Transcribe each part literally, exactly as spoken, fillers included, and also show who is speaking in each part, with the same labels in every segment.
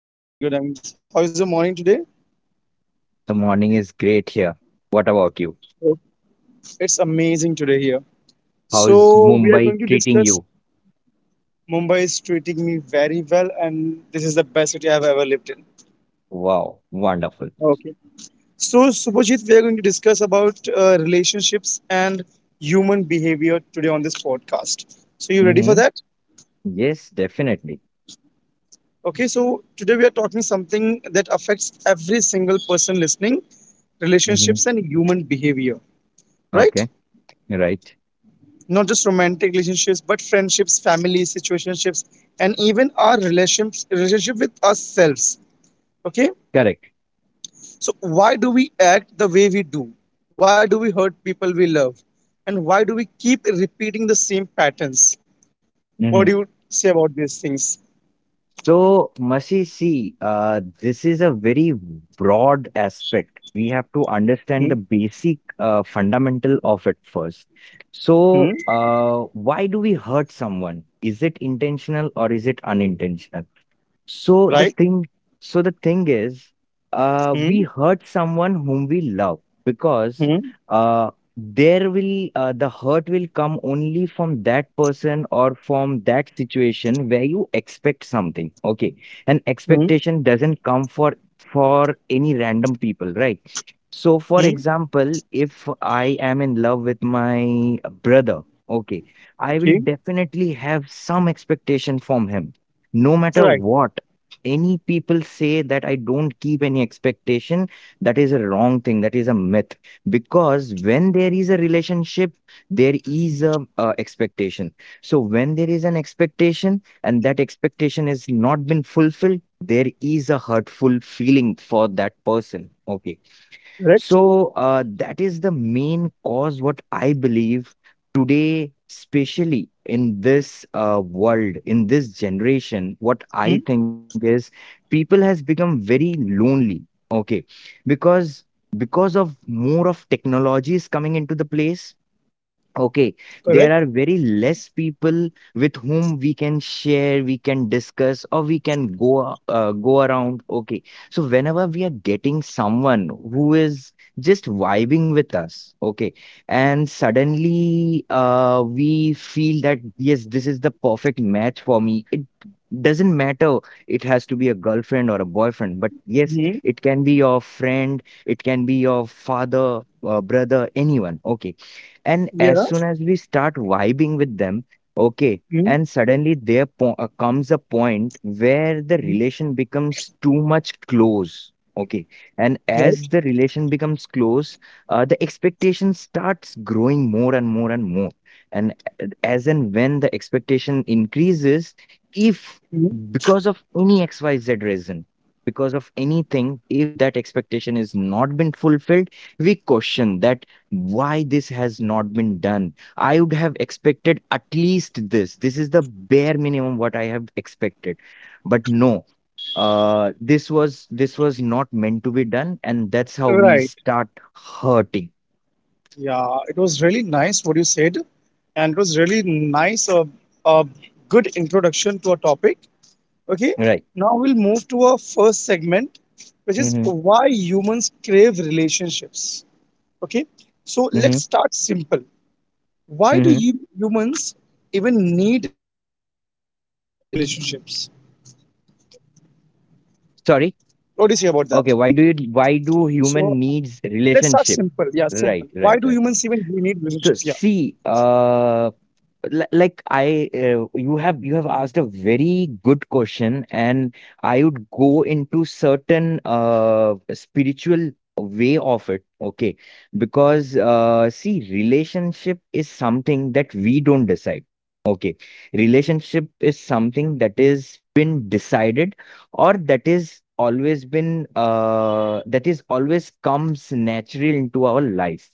Speaker 1: I'm good. I'm good. I'm. How's the morning today?
Speaker 2: The morning is great here. What about you?
Speaker 1: Oh, It's amazing today here.
Speaker 2: How's
Speaker 1: So we are
Speaker 2: Mumbai
Speaker 1: going to
Speaker 2: treating
Speaker 1: discuss.
Speaker 2: you?
Speaker 1: Mumbai is treating me very well, and this is the best city I've ever lived in.
Speaker 2: Wow, wonderful.
Speaker 1: Okay. So Subhajit, we are going to discuss about uh, relationships and human behavior today on this podcast. So you ready for
Speaker 2: Mm-hmm.
Speaker 1: that?
Speaker 2: Yes, definitely.
Speaker 1: Okay. So today we are talking something that affects every single person listening:
Speaker 2: Mm-hmm.
Speaker 1: relationships and human behavior. Right?
Speaker 2: Okay, right.
Speaker 1: Not just romantic relationships but friendships, families, situationships, and even our relationships relationship with ourselves. Okay,
Speaker 2: Correct.
Speaker 1: so why do we act the way we do? Why do we hurt people we love? And why do we keep repeating the same patterns? What do you
Speaker 2: Mm-hmm.
Speaker 1: say about these things?
Speaker 2: So, Masi, see, uh, this is a very broad aspect. We have to
Speaker 1: Hmm?
Speaker 2: understand the basic uh, fundamental of it first.
Speaker 1: Hmm?
Speaker 2: So, uh, why do we hurt someone? Is it intentional or is it unintentional? So
Speaker 1: Right.
Speaker 2: the thing, so the thing is, uh,
Speaker 1: Hmm?
Speaker 2: we hurt someone whom we love because
Speaker 1: Hmm?
Speaker 2: uh, there will uh, the hurt will come only from that person or from that situation where you expect something. Okay, and
Speaker 1: Hmm?
Speaker 2: expectation doesn't come for for any random people, right? So, for
Speaker 1: Hmm?
Speaker 2: example, if I am in love with my brother, okay, I will
Speaker 1: Okay.
Speaker 2: definitely have some expectation from him, no matter
Speaker 1: Right.
Speaker 2: what any people say that I don't keep any expectation. That is a wrong thing. That is a myth. Because when there is a relationship, there is a uh, expectation. So when there is an expectation and that expectation is not been fulfilled, there is a hurtful feeling for that person. Okay,
Speaker 1: Correct.
Speaker 2: so uh, that is the main cause, what I believe today, especially in this uh, world, in this generation. What I
Speaker 1: Hmm?
Speaker 2: think is people has become very lonely. Okay, because because of more of technologies coming into the place. Okay,
Speaker 1: Correct.
Speaker 2: there are very less people with whom we can share, we can discuss, or we can go a- uh, go around. Okay, so whenever we are getting someone who is just vibing with us, okay, and suddenly uh, we feel that yes, this is the perfect match for me. It doesn't matter it has to be a girlfriend or a boyfriend, but yes,
Speaker 1: Hmm?
Speaker 2: it can be your friend, it can be your father, uh, brother, anyone. Okay, and as
Speaker 1: Yeah.
Speaker 2: soon as we start vibing with them, okay,
Speaker 1: Hmm?
Speaker 2: and suddenly there po- uh, comes a point where the
Speaker 1: Hmm?
Speaker 2: relation becomes too much close. Okay, and as
Speaker 1: Right.
Speaker 2: the relation becomes close, uh, the expectation starts growing more and more and more. And a- as and when the expectation increases, if
Speaker 1: Hmm?
Speaker 2: because of any X Y Z reason, because of anything, if that expectation is not been fulfilled, we question that why this has not been done. I would have expected at least this. This is the bare minimum what I have expected. But no, uh, this was this was not meant to be done, and that's how we
Speaker 1: Right.
Speaker 2: start hurting.
Speaker 1: Yeah, it was really nice what you said, and it was really nice a uh, uh, good introduction to a topic. Okay,
Speaker 2: Right.
Speaker 1: now we'll move to our first segment, which is
Speaker 2: Mm-hmm.
Speaker 1: why humans crave relationships. Okay, so
Speaker 2: Mm-hmm.
Speaker 1: let's start simple. Why do
Speaker 2: Mm-hmm.
Speaker 1: you humans even need relationships? What do you say about
Speaker 2: Sorry.
Speaker 1: that?
Speaker 2: Okay. Why do you
Speaker 1: So
Speaker 2: why do human
Speaker 1: let's start
Speaker 2: needs
Speaker 1: simple. Yeah,
Speaker 2: relationship?
Speaker 1: simple. Why do
Speaker 2: Right,
Speaker 1: humans even
Speaker 2: right, right.
Speaker 1: need relationships? Yeah.
Speaker 2: So see, uh li- like I uh, you have you have asked a very good question, and I would go into certain uh spiritual way of it. Okay, because uh see, relationship is something that we don't decide. Okay, relationship is something that is been decided, or that is always been uh that is always comes natural into our life.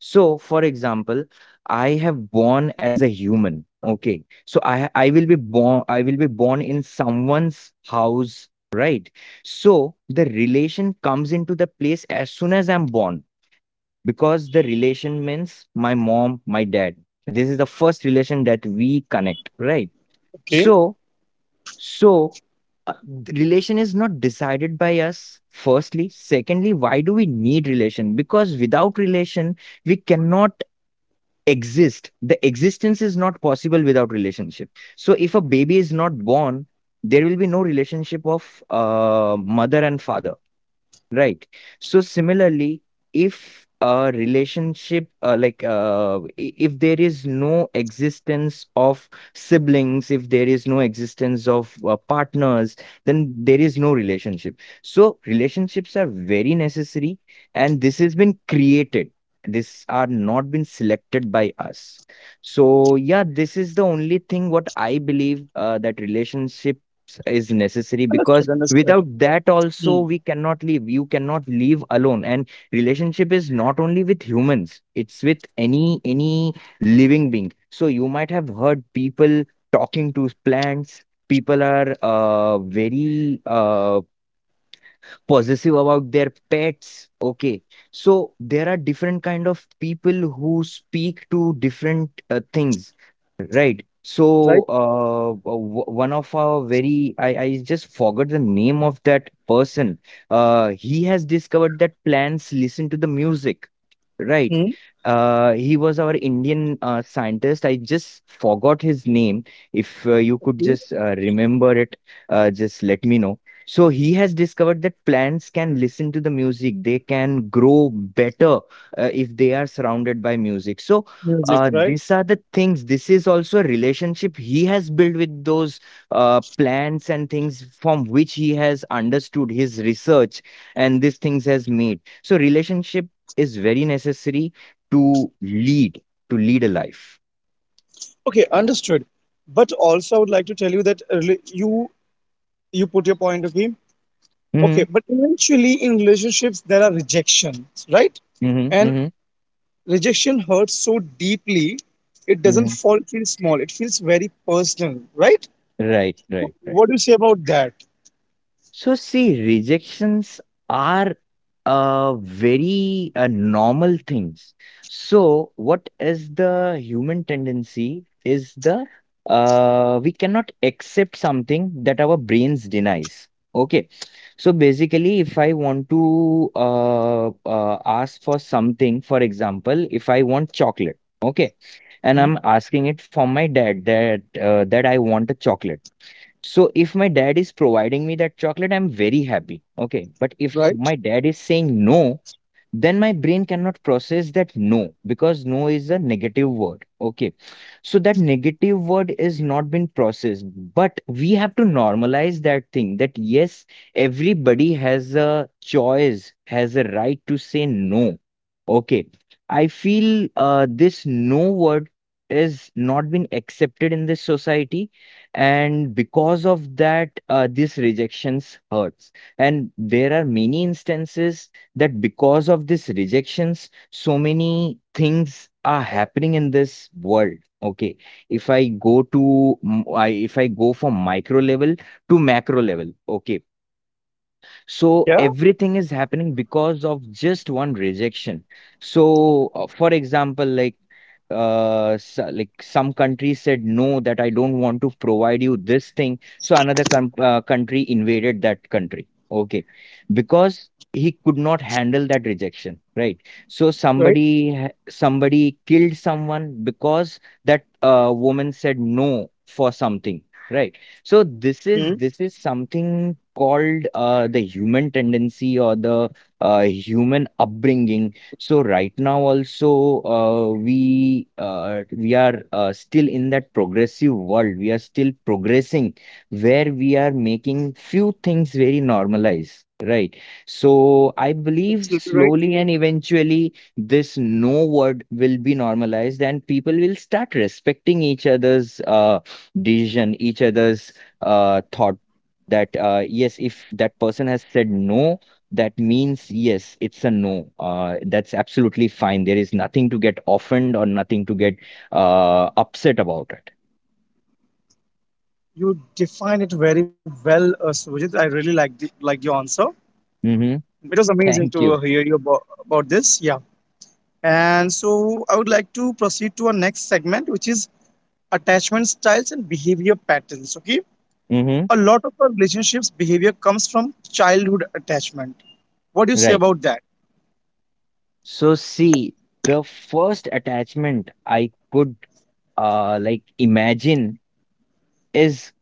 Speaker 2: So, for example, I have born as a human. Okay. So I ha- I will be born I will be born in someone's house, right? So the relation comes into the place as soon as I'm born, because the relation means my mom, my dad. This is the first relation that we connect, right?
Speaker 1: Okay.
Speaker 2: So so uh, th- Relation is not decided by us. Firstly, secondly, why do we need relation? Because without relation we cannot exist. The existence is not possible without relationship. So if a baby is not born, there will be no relationship of uh, mother and father. Right. So similarly, if a relationship, uh, like uh, i- if there is no existence of siblings, if there is no existence of uh, partners, then there is no relationship. So relationships are very necessary, and this has been created. This are not been selected by us. So yeah, this is the only thing what I believe, uh, that relationships is necessary because
Speaker 1: Understood. Understood.
Speaker 2: without that also
Speaker 1: Hmm.
Speaker 2: we cannot live. You cannot live alone, and relationship is not only with humans. It's with any any living being. So you might have heard people talking to plants. People are uh, very uh, possessive about their pets. Okay, so there are different kind of people who speak to different uh, things, right? So
Speaker 1: Right.
Speaker 2: uh, w- one of our very I, I just forgot the name of that person. Uh, he has discovered that plants listen to the music. Right.
Speaker 1: Hmm.
Speaker 2: Uh, he was our Indian uh, scientist. I just forgot his name. If uh, you could
Speaker 1: Okay.
Speaker 2: just uh, remember it, uh, just let me know. So he has discovered that plants can listen to the music. They can grow better uh, if they are surrounded by music. So
Speaker 1: Music.
Speaker 2: uh,
Speaker 1: Right.
Speaker 2: these are the things. This is also a relationship he has built with those uh, plants and things, from which he has understood his research and these things has made. So relationship is very necessary to lead to lead a life.
Speaker 1: Okay, understood. But also, I would like to tell you that uh, rela- you you put your point of view. Okay,
Speaker 2: Mm-hmm.
Speaker 1: but eventually in relationships there are rejections, right?
Speaker 2: Mm-hmm.
Speaker 1: And
Speaker 2: Mm-hmm.
Speaker 1: rejection hurts so deeply, it doesn't
Speaker 2: hmm
Speaker 1: fall feel small. It feels very personal, right?
Speaker 2: Right,
Speaker 1: So
Speaker 2: right, right.
Speaker 1: what do you say about that?
Speaker 2: So see, rejections are uh, very uh, normal things. So what is the human tendency is the uh, we cannot accept something that our brains denies. Okay. So basically, if I want to uh, uh, ask for something, for example, if I want chocolate, okay, and
Speaker 1: Mm.
Speaker 2: I'm asking it from my dad that uh, that I want a chocolate. So if my dad is providing me that chocolate, I'm very happy. Okay. But if my
Speaker 1: Right?
Speaker 2: dad is saying no, then my brain cannot process that no, because no is a negative word. Okay, so that negative word is not been processed, but we have to normalize that thing, that yes, everybody has a choice, has a right to say no. Okay, I feel uh, this no word is not been accepted in this society, and because of that uh, this rejections hurts. And there are many instances that because of these rejections, so many things are happening in this world. Okay, if I go to, m- I if I go from micro level to macro level, okay, so
Speaker 1: Yeah.
Speaker 2: everything is happening because of just one rejection. So, uh, for example, like uh s- like some country said no that I don't want to provide you this thing, so another com- uh, country invaded that country. Okay, because he could not handle that rejection, right? So
Speaker 1: Right.
Speaker 2: somebody ha- somebody killed someone because that uh, woman said no for something, right? So this is
Speaker 1: Mm.
Speaker 2: this is something called uh, the human tendency or the uh, human upbringing. So right now also uh, we uh, we are uh, still in that progressive world. We are still progressing, where we are making few things very normalized, right? So I believe
Speaker 1: Absolutely
Speaker 2: slowly
Speaker 1: right.
Speaker 2: and eventually this no word will be normalized, and people will start respecting each other's uh, decision, each other's uh, thought, that uh, yes, if that person has said no, that means yes, it's a no. Uh, that's absolutely fine. There is nothing to get offended or nothing to get uh, upset about it.
Speaker 1: You define it very well, uh, Sujit. I really like the, like your answer.
Speaker 2: Mm-hmm.
Speaker 1: It was amazing
Speaker 2: Thank
Speaker 1: to
Speaker 2: you.
Speaker 1: uh, hear you about, about this. Yeah. And so I would like to proceed to our next segment, which is attachment styles and behavior patterns. Okay.
Speaker 2: Mm-hmm.
Speaker 1: A lot of our relationships behavior comes from childhood attachment. What do you say
Speaker 2: Right.
Speaker 1: about that?
Speaker 2: So see, the first attachment I could uh like imagine is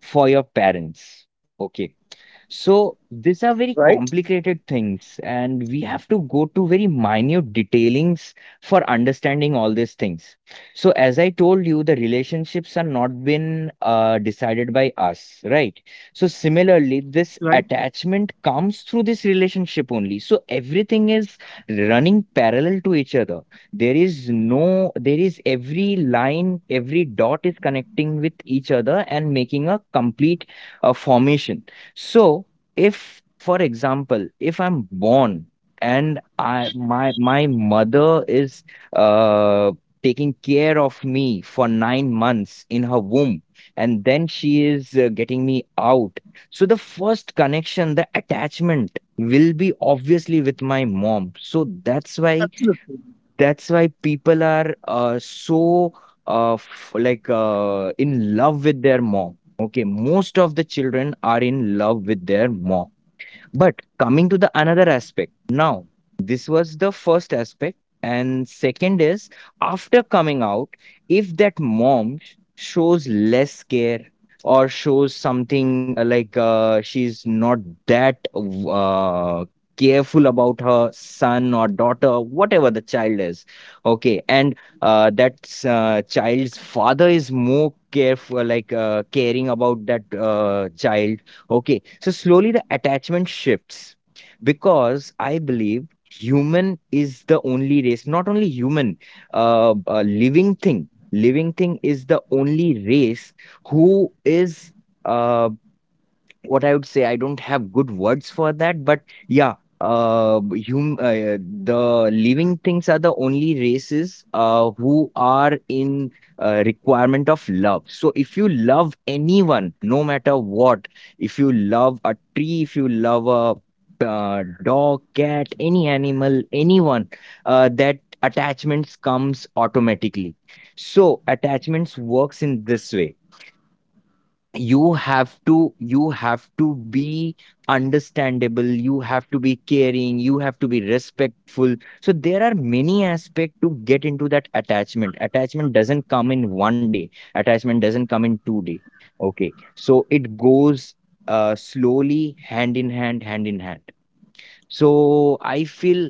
Speaker 2: for your parents. Okay.
Speaker 1: Right?
Speaker 2: So these are very complicated things, and we have to go to very minute detailings for understanding all these things. So as I told you, the relationships are not been uh, decided by us, right? So
Speaker 1: Right.
Speaker 2: similarly, this attachment comes through this relationship only. So everything is running parallel to each other. There is no, there is every line, every dot is connecting with each other and making a complete uh, formation. So if, for example, if I'm born, and I my my mother is uh taking care of me for nine months in her womb, and then she is uh, getting me out. So the first connection, the attachment will be obviously with my mom. So that's why
Speaker 1: Absolutely.
Speaker 2: that's why people are uh, so uh, f- like uh, in love with their mom. Okay, most of the children are in love with their mom. But coming to the another aspect, now this was the first aspect, and second is, after coming out, if that mom sh- shows less care, or shows something uh, like uh, she's not that uh, careful about her son or daughter, whatever the child is, okay, and uh, that uh, child's father is more careful, like uh, caring about that uh, child. Okay, so slowly the attachment shifts, because I believe human is the only race, not only human, uh, a living thing. Living thing is the only race who is uh, what I would say, I don't have good words for that, but yeah, uh, hum, uh, the living things are the only races uh, who are in uh, requirement of love. So if you love anyone, no matter what, if you love a tree, if you love a uh, dog, cat, any animal, anyone, uh, that attachments comes automatically. So attachments works in this way. You have to you have to be understandable, you have to be caring, you have to be respectful. So there are many aspects to get into that attachment. Attachment doesn't come in one day, attachment doesn't come in two day. Okay, so it goes uh, slowly, hand in hand, hand in hand so i feel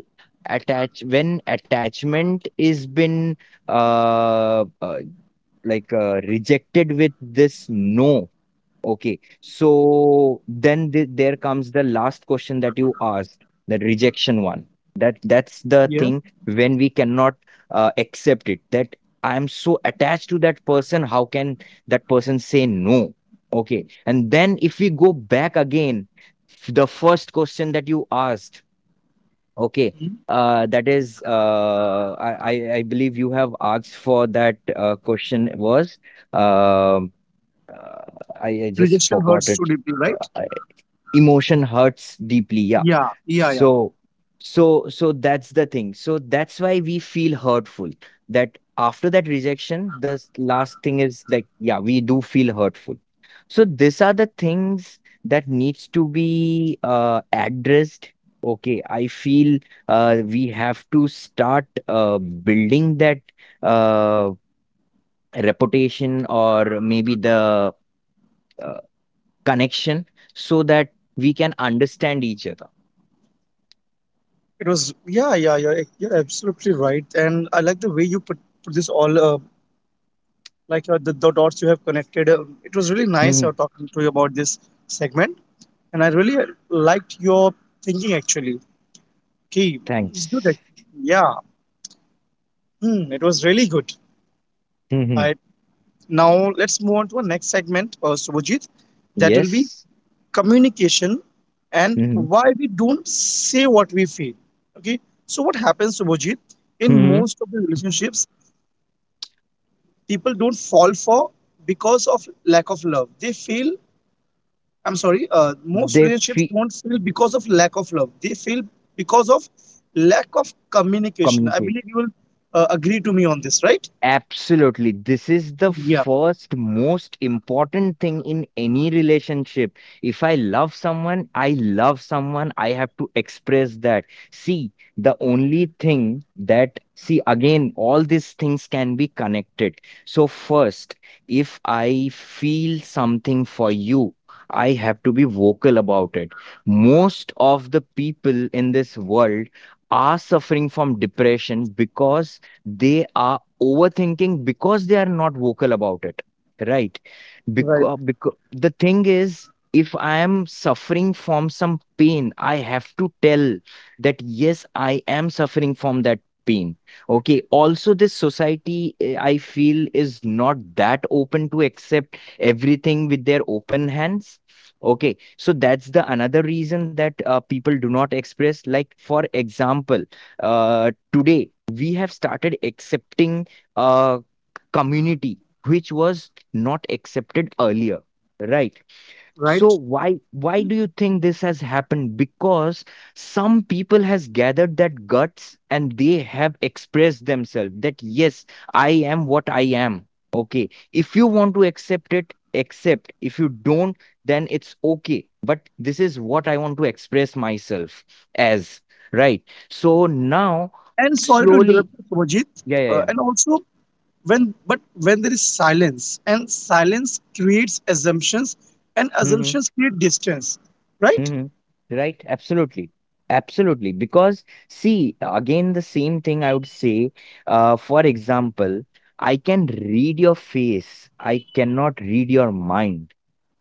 Speaker 2: attach when attachment is been uh, uh like uh, rejected with this. No. Okay. So then th there comes the last question that you asked, that rejection one. That that's the
Speaker 1: Yeah.
Speaker 2: thing, when we cannot uh, accept it. That I am so attached to that person, how can that person say no? Okay. And then if we go back again, f- the first question that you asked, okay,
Speaker 1: Mhm.
Speaker 2: uh, that is, uh, I, I I believe you have asked for that uh, question was, um, uh, I, I just
Speaker 1: Rejection
Speaker 2: forgot
Speaker 1: hurts too
Speaker 2: it.
Speaker 1: deeply, right?
Speaker 2: uh, Emotion hurts deeply, yeah.
Speaker 1: Yeah. Yeah. Yeah.
Speaker 2: So so so that's the thing, so that's why we feel hurtful. That after that rejection, the s- last thing is like, yeah, we do feel hurtful. So these are the things that needs to be uh, addressed. Okay, I feel uh, we have to start uh, building that uh, reputation, or maybe the uh, connection, so that we can understand each other.
Speaker 1: It was, yeah, yeah, yeah. You're absolutely right. And I like the way you put, put this all uh, like uh, the, the dots you have connected. Uh, it was really nice
Speaker 2: Hmm.
Speaker 1: uh, talking to you about this segment, and I really uh, liked your thinking actually. Okay, it's good.
Speaker 2: Thanks.
Speaker 1: act- Yeah. Hmm, it was really good.
Speaker 2: Hmm.
Speaker 1: I Now let's move on to our next segment, uh, Subhajit. That will be
Speaker 2: Yes.
Speaker 1: communication and
Speaker 2: Hmm.
Speaker 1: why we don't say what we feel. Okay, so what happens, Subhajit? In
Speaker 2: Hmm.
Speaker 1: most of the relationships, people don't fall for because of lack of love. They feel I'm sorry, uh, most
Speaker 2: They
Speaker 1: relationships
Speaker 2: feel.
Speaker 1: don't fail because of lack of love. They fail because of lack of communication. I
Speaker 2: Communicate.
Speaker 1: believe you will uh, agree to me on this, right?
Speaker 2: Absolutely. This is the
Speaker 1: Yeah,
Speaker 2: first most important thing in any relationship. If I love someone, I love someone, I have to express that. See, the only thing that, see, again, all these things can be connected. So, first, if I feel something for you, I have to be vocal about it. Most of the people in this world are suffering from depression because they are overthinking, because they are not vocal about it, right?
Speaker 1: right,
Speaker 2: Because, because the thing is, if I am suffering from some pain, I have to tell that yes, I am suffering from that pain. Okay. Also, this society, eh, I feel, is not that open to accept everything with their open hands. Okay. So that's the another reason that uh, people do not express. Like, for example, uh, today we have started accepting uh, community which was not accepted earlier, right? So
Speaker 1: right.
Speaker 2: why why do you think this has happened? Because some people has gathered that guts and they have expressed themselves that yes, I am what I am. Okay, if you want to accept it, accept. If you don't, then it's okay, but this is what I want to express myself as, right? So now
Speaker 1: And sorry to
Speaker 2: slowly.
Speaker 1: interrupt, Prajit.
Speaker 2: Yeah, yeah,
Speaker 1: Uh,
Speaker 2: yeah.
Speaker 1: and also, when but when there is silence, and silence creates assumptions, and
Speaker 2: Mm-hmm.
Speaker 1: assumptions create distance, right?
Speaker 2: Mhm. Right, absolutely. Absolutely. Because, see, again, the same thing I would say. Uh, for example, I can read your face, I cannot read your mind.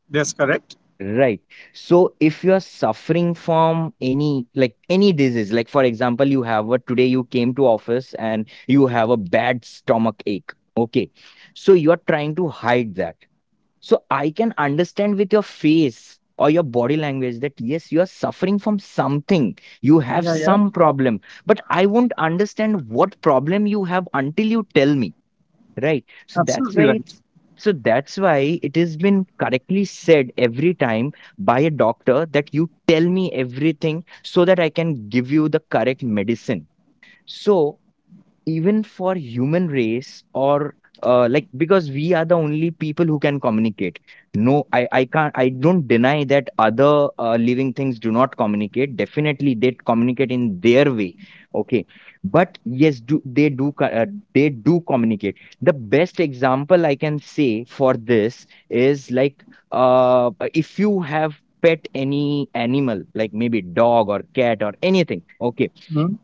Speaker 1: That's correct.
Speaker 2: Right. So, if you're suffering from any, like any disease, like for example, you have a today you came to office and you have a bad stomach ache. Okay. So, you're trying to hide that. So I can understand with your face or your body language that yes, you are suffering from something. You have
Speaker 1: Yeah, yeah,
Speaker 2: some problem, but I won't understand what problem you have until you tell me, right? So that's why
Speaker 1: absolutely right.
Speaker 2: it's, so that's why it has been correctly said every time by a doctor that you tell me everything so that I can give you the correct medicine. So even for human race, or uh, like, because we are the only people who can communicate. No, i i can't, I don't deny that other uh, living things do not communicate. Definitely they communicate in their way. Okay, but yes, do they do co- uh, they do communicate. The best example I can say for this is like, uh, if you have pet any animal, like maybe dog or cat or anything, okay,
Speaker 1: Mhm.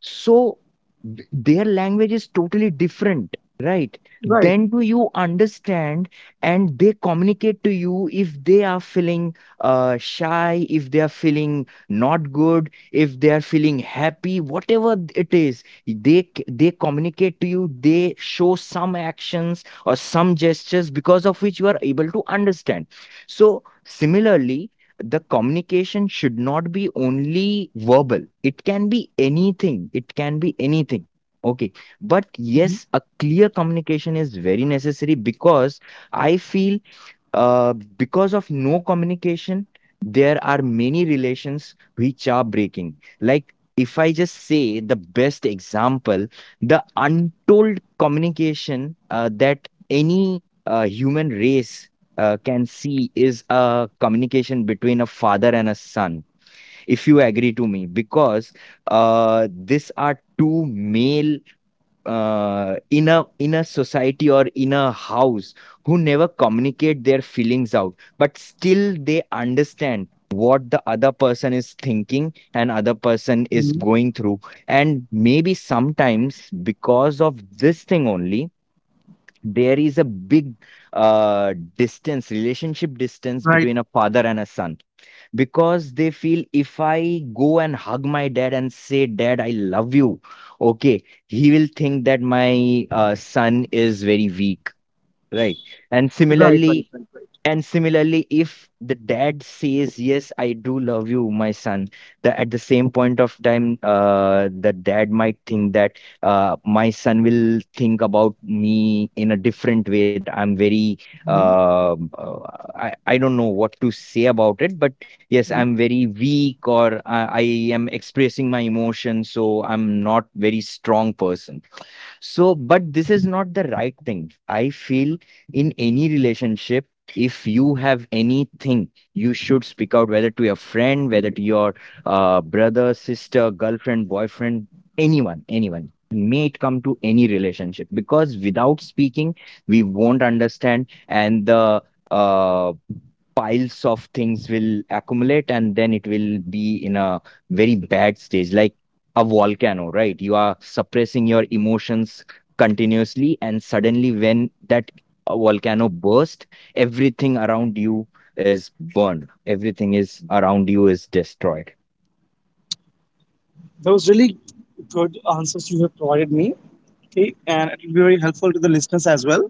Speaker 2: so th- their language is totally different, right?
Speaker 1: Right.
Speaker 2: Then do you understand? And they communicate to you if they are feeling uh, shy, if they are feeling not good, if they are feeling happy, whatever th- it is, they c- they communicate to you, they show some actions or some gestures because of which you are able to understand. So similarly, the communication should not be only verbal, it can be anything, it can be anything. Okay, but
Speaker 1: Mhm.
Speaker 2: yes, a clear communication is very necessary, because I feel uh, because of no communication, there are many relations which are breaking. Like, if I just say the best example, the untold communication uh, that any uh, human race uh, can see is a communication between a father and a son, if you agree to me, because uh, these are two male uh, in a in a society or in a house, who never communicate their feelings out, but still they understand what the other person is thinking and other person is
Speaker 1: Mhm.
Speaker 2: going through. And maybe sometimes because of this thing only, there is a big uh, distance, relationship distance
Speaker 1: Right.
Speaker 2: between a father and a son, because they feel if I go and hug my dad and say, Dad, I love you, okay, he will think that my uh, son is very weak, right? And
Speaker 1: Right. Right.
Speaker 2: similarly,
Speaker 1: Right. Right.
Speaker 2: and similarly, if the dad says, Yes, I do love you, my son, the, at the same point of time, uh, the dad might think that uh, my son will think about me in a different way, that I'm very,
Speaker 1: Mhm.
Speaker 2: uh, uh, I, I don't know what to say about it, but yes, I'm very weak, or I, I am expressing my emotions, so I'm not very strong person. So, but this is not the right thing. I feel in any relationship, if you have anything, you should speak out, whether to your friend, whether to your uh, brother, sister, girlfriend, boyfriend, anyone, anyone. May it come to any relationship, because without speaking, we won't understand, and the uh, piles of things will accumulate, and then it will be in a very bad stage. Like a volcano, right? You are suppressing your emotions continuously, and suddenly, when that uh, volcano bursts, everything around you is burned, everything is around you is destroyed.
Speaker 1: Those really good answers you have provided me. Okay, and it will be very helpful to the listeners as well.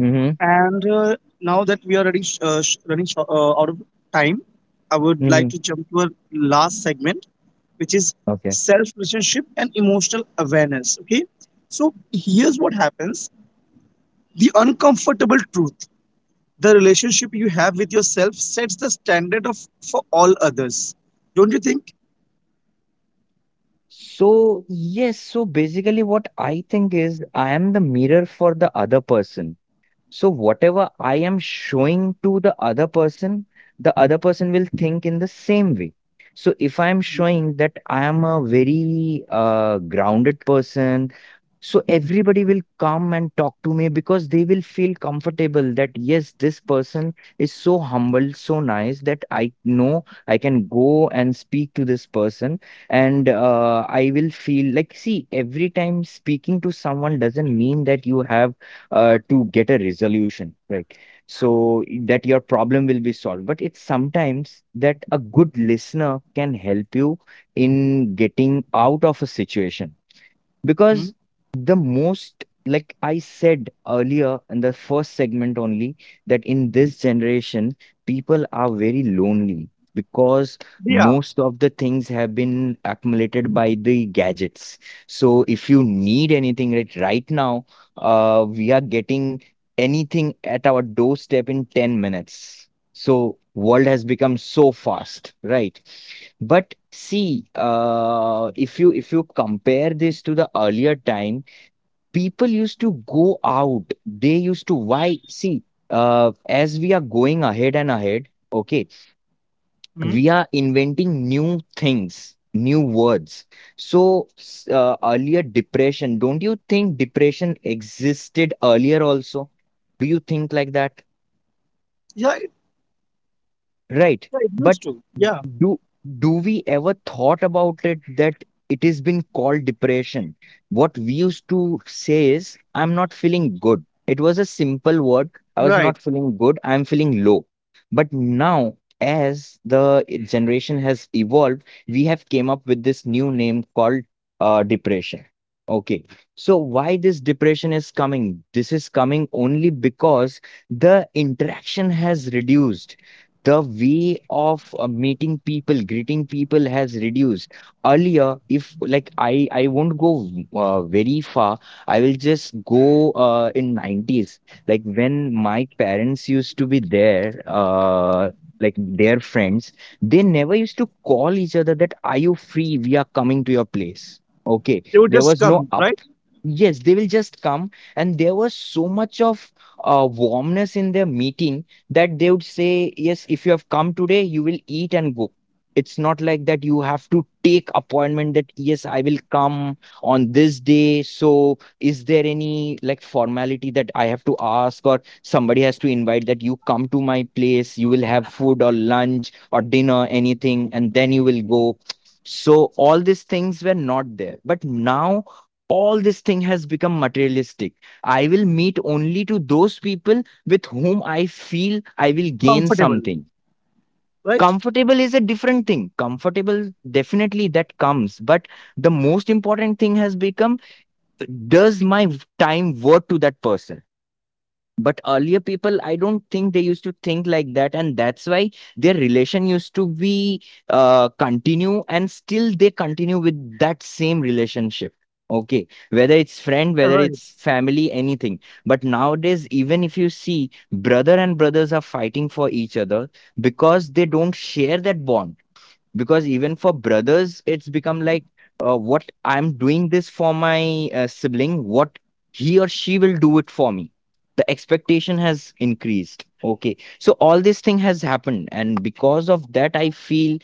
Speaker 2: Mm-hmm.
Speaker 1: And uh, now that we are already sh- uh, sh- running sh- uh, out of time, I would like
Speaker 2: Mm-hmm.
Speaker 1: to jump to our last segment, which is
Speaker 2: Okay.
Speaker 1: self relationship and emotional awareness. Okay, so here's what happens: the uncomfortable truth. The relationship you have with yourself sets the standard of for all others. Don't you think?
Speaker 2: So, yes, so basically, what I think is I am the mirror for the other person. So whatever I am showing to the other person, the other person will think in the same way. So if I am showing that I am a very uh, grounded person, so everybody will come and talk to me, because they will feel comfortable that yes, this person is so humble, so nice, that I know I can go and speak to this person, and uh, I will feel like, see, every time speaking to someone doesn't mean that you have uh, to get a resolution, right? So that your problem will be solved, but it's sometimes that a good listener can help you in getting out of a situation,
Speaker 1: Hmm?
Speaker 2: because the most, like I said earlier in the first segment only, that in this generation people are very lonely, because
Speaker 1: Yeah.
Speaker 2: most of the things have been accumulated by the gadgets. So if you need anything right right now, uh, we are getting anything at our doorstep in ten minutes. So world has become so fast, right? But see, uh, if you if you compare this to the earlier time, people used to go out. They used to, why, see, uh, as we are going ahead and ahead, okay,
Speaker 1: Hmm?
Speaker 2: we are inventing new things, new words. So s- uh, earlier depression, don't you think depression existed earlier also? Do you think like that?
Speaker 1: Yeah.
Speaker 2: Right.
Speaker 1: Yeah, it
Speaker 2: But.
Speaker 1: used to. Yeah,
Speaker 2: Do do we ever thought about it that it has been called depression? What we used to say is, I'm not feeling good. It was a simple word. I was
Speaker 1: right.
Speaker 2: not feeling good, I'm feeling low. But now, as the generation has evolved, we have came up with this new name called uh, depression. Okay. So why this depression is coming? This is coming only because the interaction has reduced, the way of uh, meeting people, greeting people has reduced. Earlier, if, like, i i won't go uh, very far, I will just go uh, in nineties, like when my parents used to be there, uh, like, their friends, they never used to call each other that, are you free, we are coming to your place. Okay,
Speaker 1: They would
Speaker 2: there
Speaker 1: just
Speaker 2: was no
Speaker 1: come,
Speaker 2: up
Speaker 1: right?
Speaker 2: yes, they will just come, and there was so much of uh, warmness in their meeting, that they would say, yes, if you have come today, you will eat and go. It's not like that you have to take appointment that yes, I will come on this day. So is there any like formality that I have to ask, or somebody has to invite that you come to my place, you will have food or lunch or dinner, anything, and then you will go. So all these things were not there. But now all this thing has become materialistic. I will meet only to those people with whom I feel I will gain
Speaker 1: Comfortable,
Speaker 2: something.
Speaker 1: right?
Speaker 2: Comfortable is a different thing. Comfortable, definitely that comes. But the most important thing has become, does my time worth to that person? But earlier people, I don't think they used to think like that, and that's why their relation used to be, uh, continue, and still they continue with that same relationship. Okay, whether it's friend,
Speaker 1: Yeah,
Speaker 2: whether
Speaker 1: right.
Speaker 2: it's family, anything. But nowadays, even if you see brother and brothers are fighting for each other because they don't share that bond, because even for brothers it's become like, uh, what I'm doing this for my uh, sibling, what he or she will do it for me. The expectation has increased. Okay, so all this thing has happened, and because of that I feel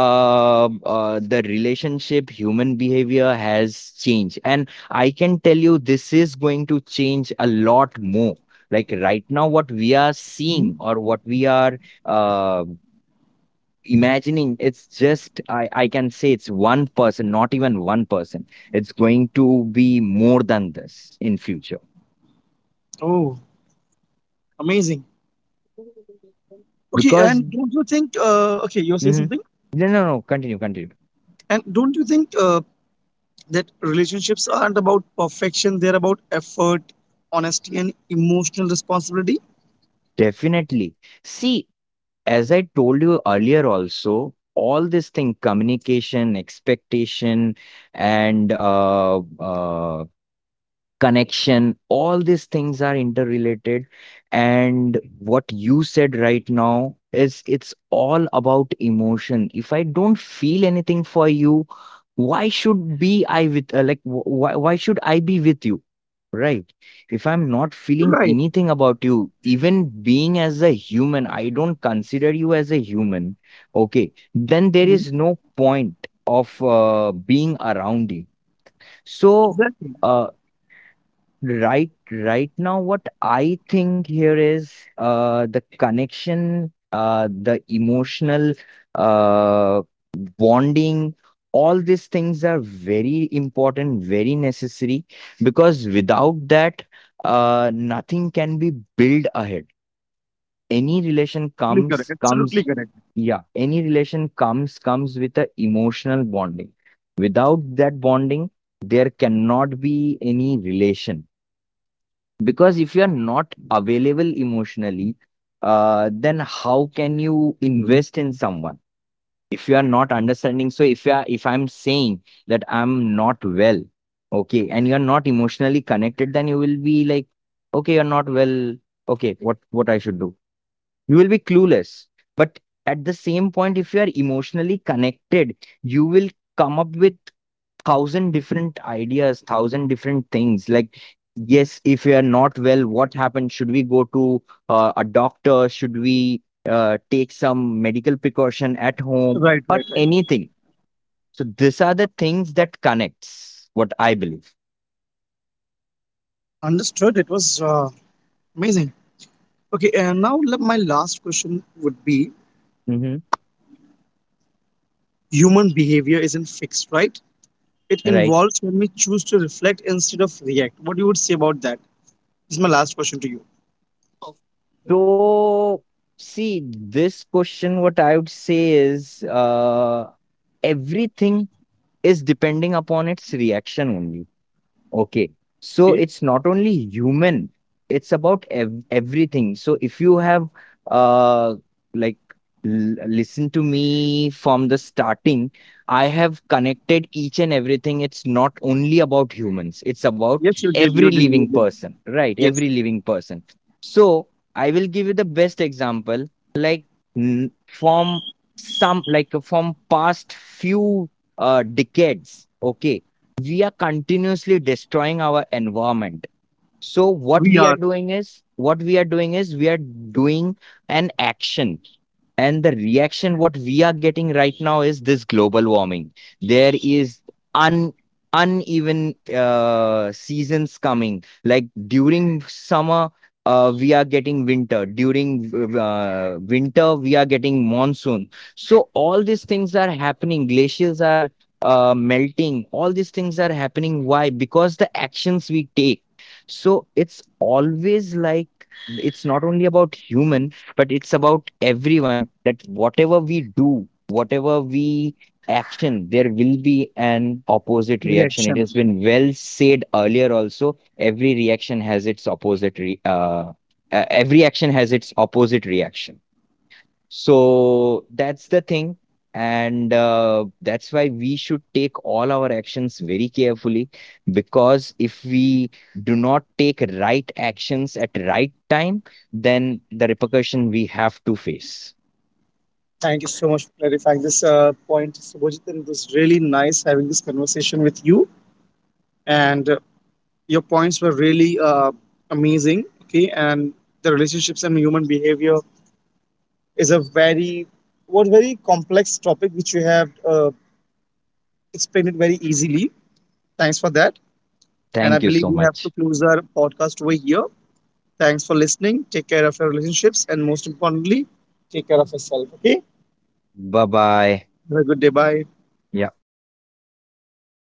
Speaker 2: uh, uh, the relationship, human behavior has changed, and I can tell you this is going to change a lot more. Like right now, what we are
Speaker 1: Mhm.
Speaker 2: seeing or what we are uh, imagining, it's just, i i can say it's one person, not even one person, it's going to be more than this in future.
Speaker 1: Oh, amazing. Okay,
Speaker 2: Because
Speaker 1: and don't you think, uh, okay, you're saying
Speaker 2: mhm,
Speaker 1: something?
Speaker 2: no, no, no, continue, continue.
Speaker 1: And don't you think uh, that relationships aren't about perfection, they're about effort, honesty, and emotional responsibility?
Speaker 2: Definitely. See, as I told you earlier also, all this thing, communication, expectation, and uh, uh connection, all these things are interrelated. And what you said right now is it's all about emotion. If I don't feel anything for you, why should be I with, uh, like wh- why, why should I be with you, right? If I'm not feeling
Speaker 1: Right.
Speaker 2: anything about you, even being as a human, I don't consider you as a human. Okay, then there
Speaker 1: Mhm.
Speaker 2: is no point of uh, being around you. So
Speaker 1: Exactly.
Speaker 2: uh, right, right now, what I think here is, uh, the connection, uh, the emotional uh, bonding, all these things are very important, very necessary, because without that, uh, nothing can be built ahead. Any relation
Speaker 1: Absolutely correct.
Speaker 2: comes,
Speaker 1: Absolutely
Speaker 2: comes,
Speaker 1: correct.
Speaker 2: Yeah, any relation comes, comes with a emotional bonding. Without that bonding, there cannot be any relation, because if you are not available emotionally, uh, then how can you invest in someone? If you are not understanding, so if you are, if I'm saying that I'm not well, okay, and you're not emotionally connected, then you will be like, okay, you're not well, okay, what what I should do? You will be clueless. But at the same point, if you are emotionally connected, you will come up with thousand different ideas, thousand different things, like, yes, if you are not well, what happened, should we go to uh, a doctor, should we uh, take some medical precaution at home,
Speaker 1: Right,
Speaker 2: or
Speaker 1: right, right.
Speaker 2: anything. So these are the things that connects, what I believe.
Speaker 1: Understood. It was uh, amazing. Okay, and now le- my last question would be
Speaker 2: Hmm,
Speaker 1: human behavior isn't fixed, right? It
Speaker 2: right.
Speaker 1: involves when we choose to reflect instead of react. What you would say about that? This is my last question to you.
Speaker 2: So, see, this question, what I would say is, uh, everything is depending upon its reaction only. Okay. So
Speaker 1: Okay.
Speaker 2: it's not only human, it's about ev- everything. So if you have uh like l- listened to me from the starting, I have connected each and everything. It's not only about humans, it's about
Speaker 1: Yes, you did.
Speaker 2: every
Speaker 1: You did.
Speaker 2: living
Speaker 1: You did.
Speaker 2: person, right?
Speaker 1: Yes,
Speaker 2: Every living person. So I will give you the best example, like, n- from some, like, from past few uh decades, okay? We are continuously destroying our environment. So what
Speaker 1: we
Speaker 2: we are
Speaker 1: are
Speaker 2: doing is, what we are doing is, we are doing an action, and the reaction what we are getting right now is this global warming. There is un uneven uh, seasons coming. Like during summer, uh, we are getting winter. During uh, winter, we are getting monsoon. So all these things are happening. Glaciers are uh, melting. All these things are happening. Why? Because the actions we take. So it's always like, it's not only about human, but it's about everyone, that whatever we do, whatever we action, there will be an opposite
Speaker 1: the
Speaker 2: reaction. It has
Speaker 1: reaction.
Speaker 2: been well said earlier also. Every reaction has its opposite re- uh, uh, every action has its opposite reaction. So that's the thing. And uh, that's why we should take all our actions very carefully, because if we do not take right actions at right time, then the repercussion we have to face.
Speaker 1: Thank you so much for clarifying this uh, point, Subhajit. And it was really nice having this conversation with you. And uh, your points were really uh, amazing. Okay, and the relationships and human behavior is a very what very complex topic which you have uh, explained it very easily. Thanks for that. And I
Speaker 2: Thank you
Speaker 1: believe
Speaker 2: so
Speaker 1: we have to
Speaker 2: much.
Speaker 1: close our podcast over here. Thanks for listening. Take care of your relationships. And most importantly, take care of yourself. Okay?
Speaker 2: Bye bye.
Speaker 1: Have a good day. Bye.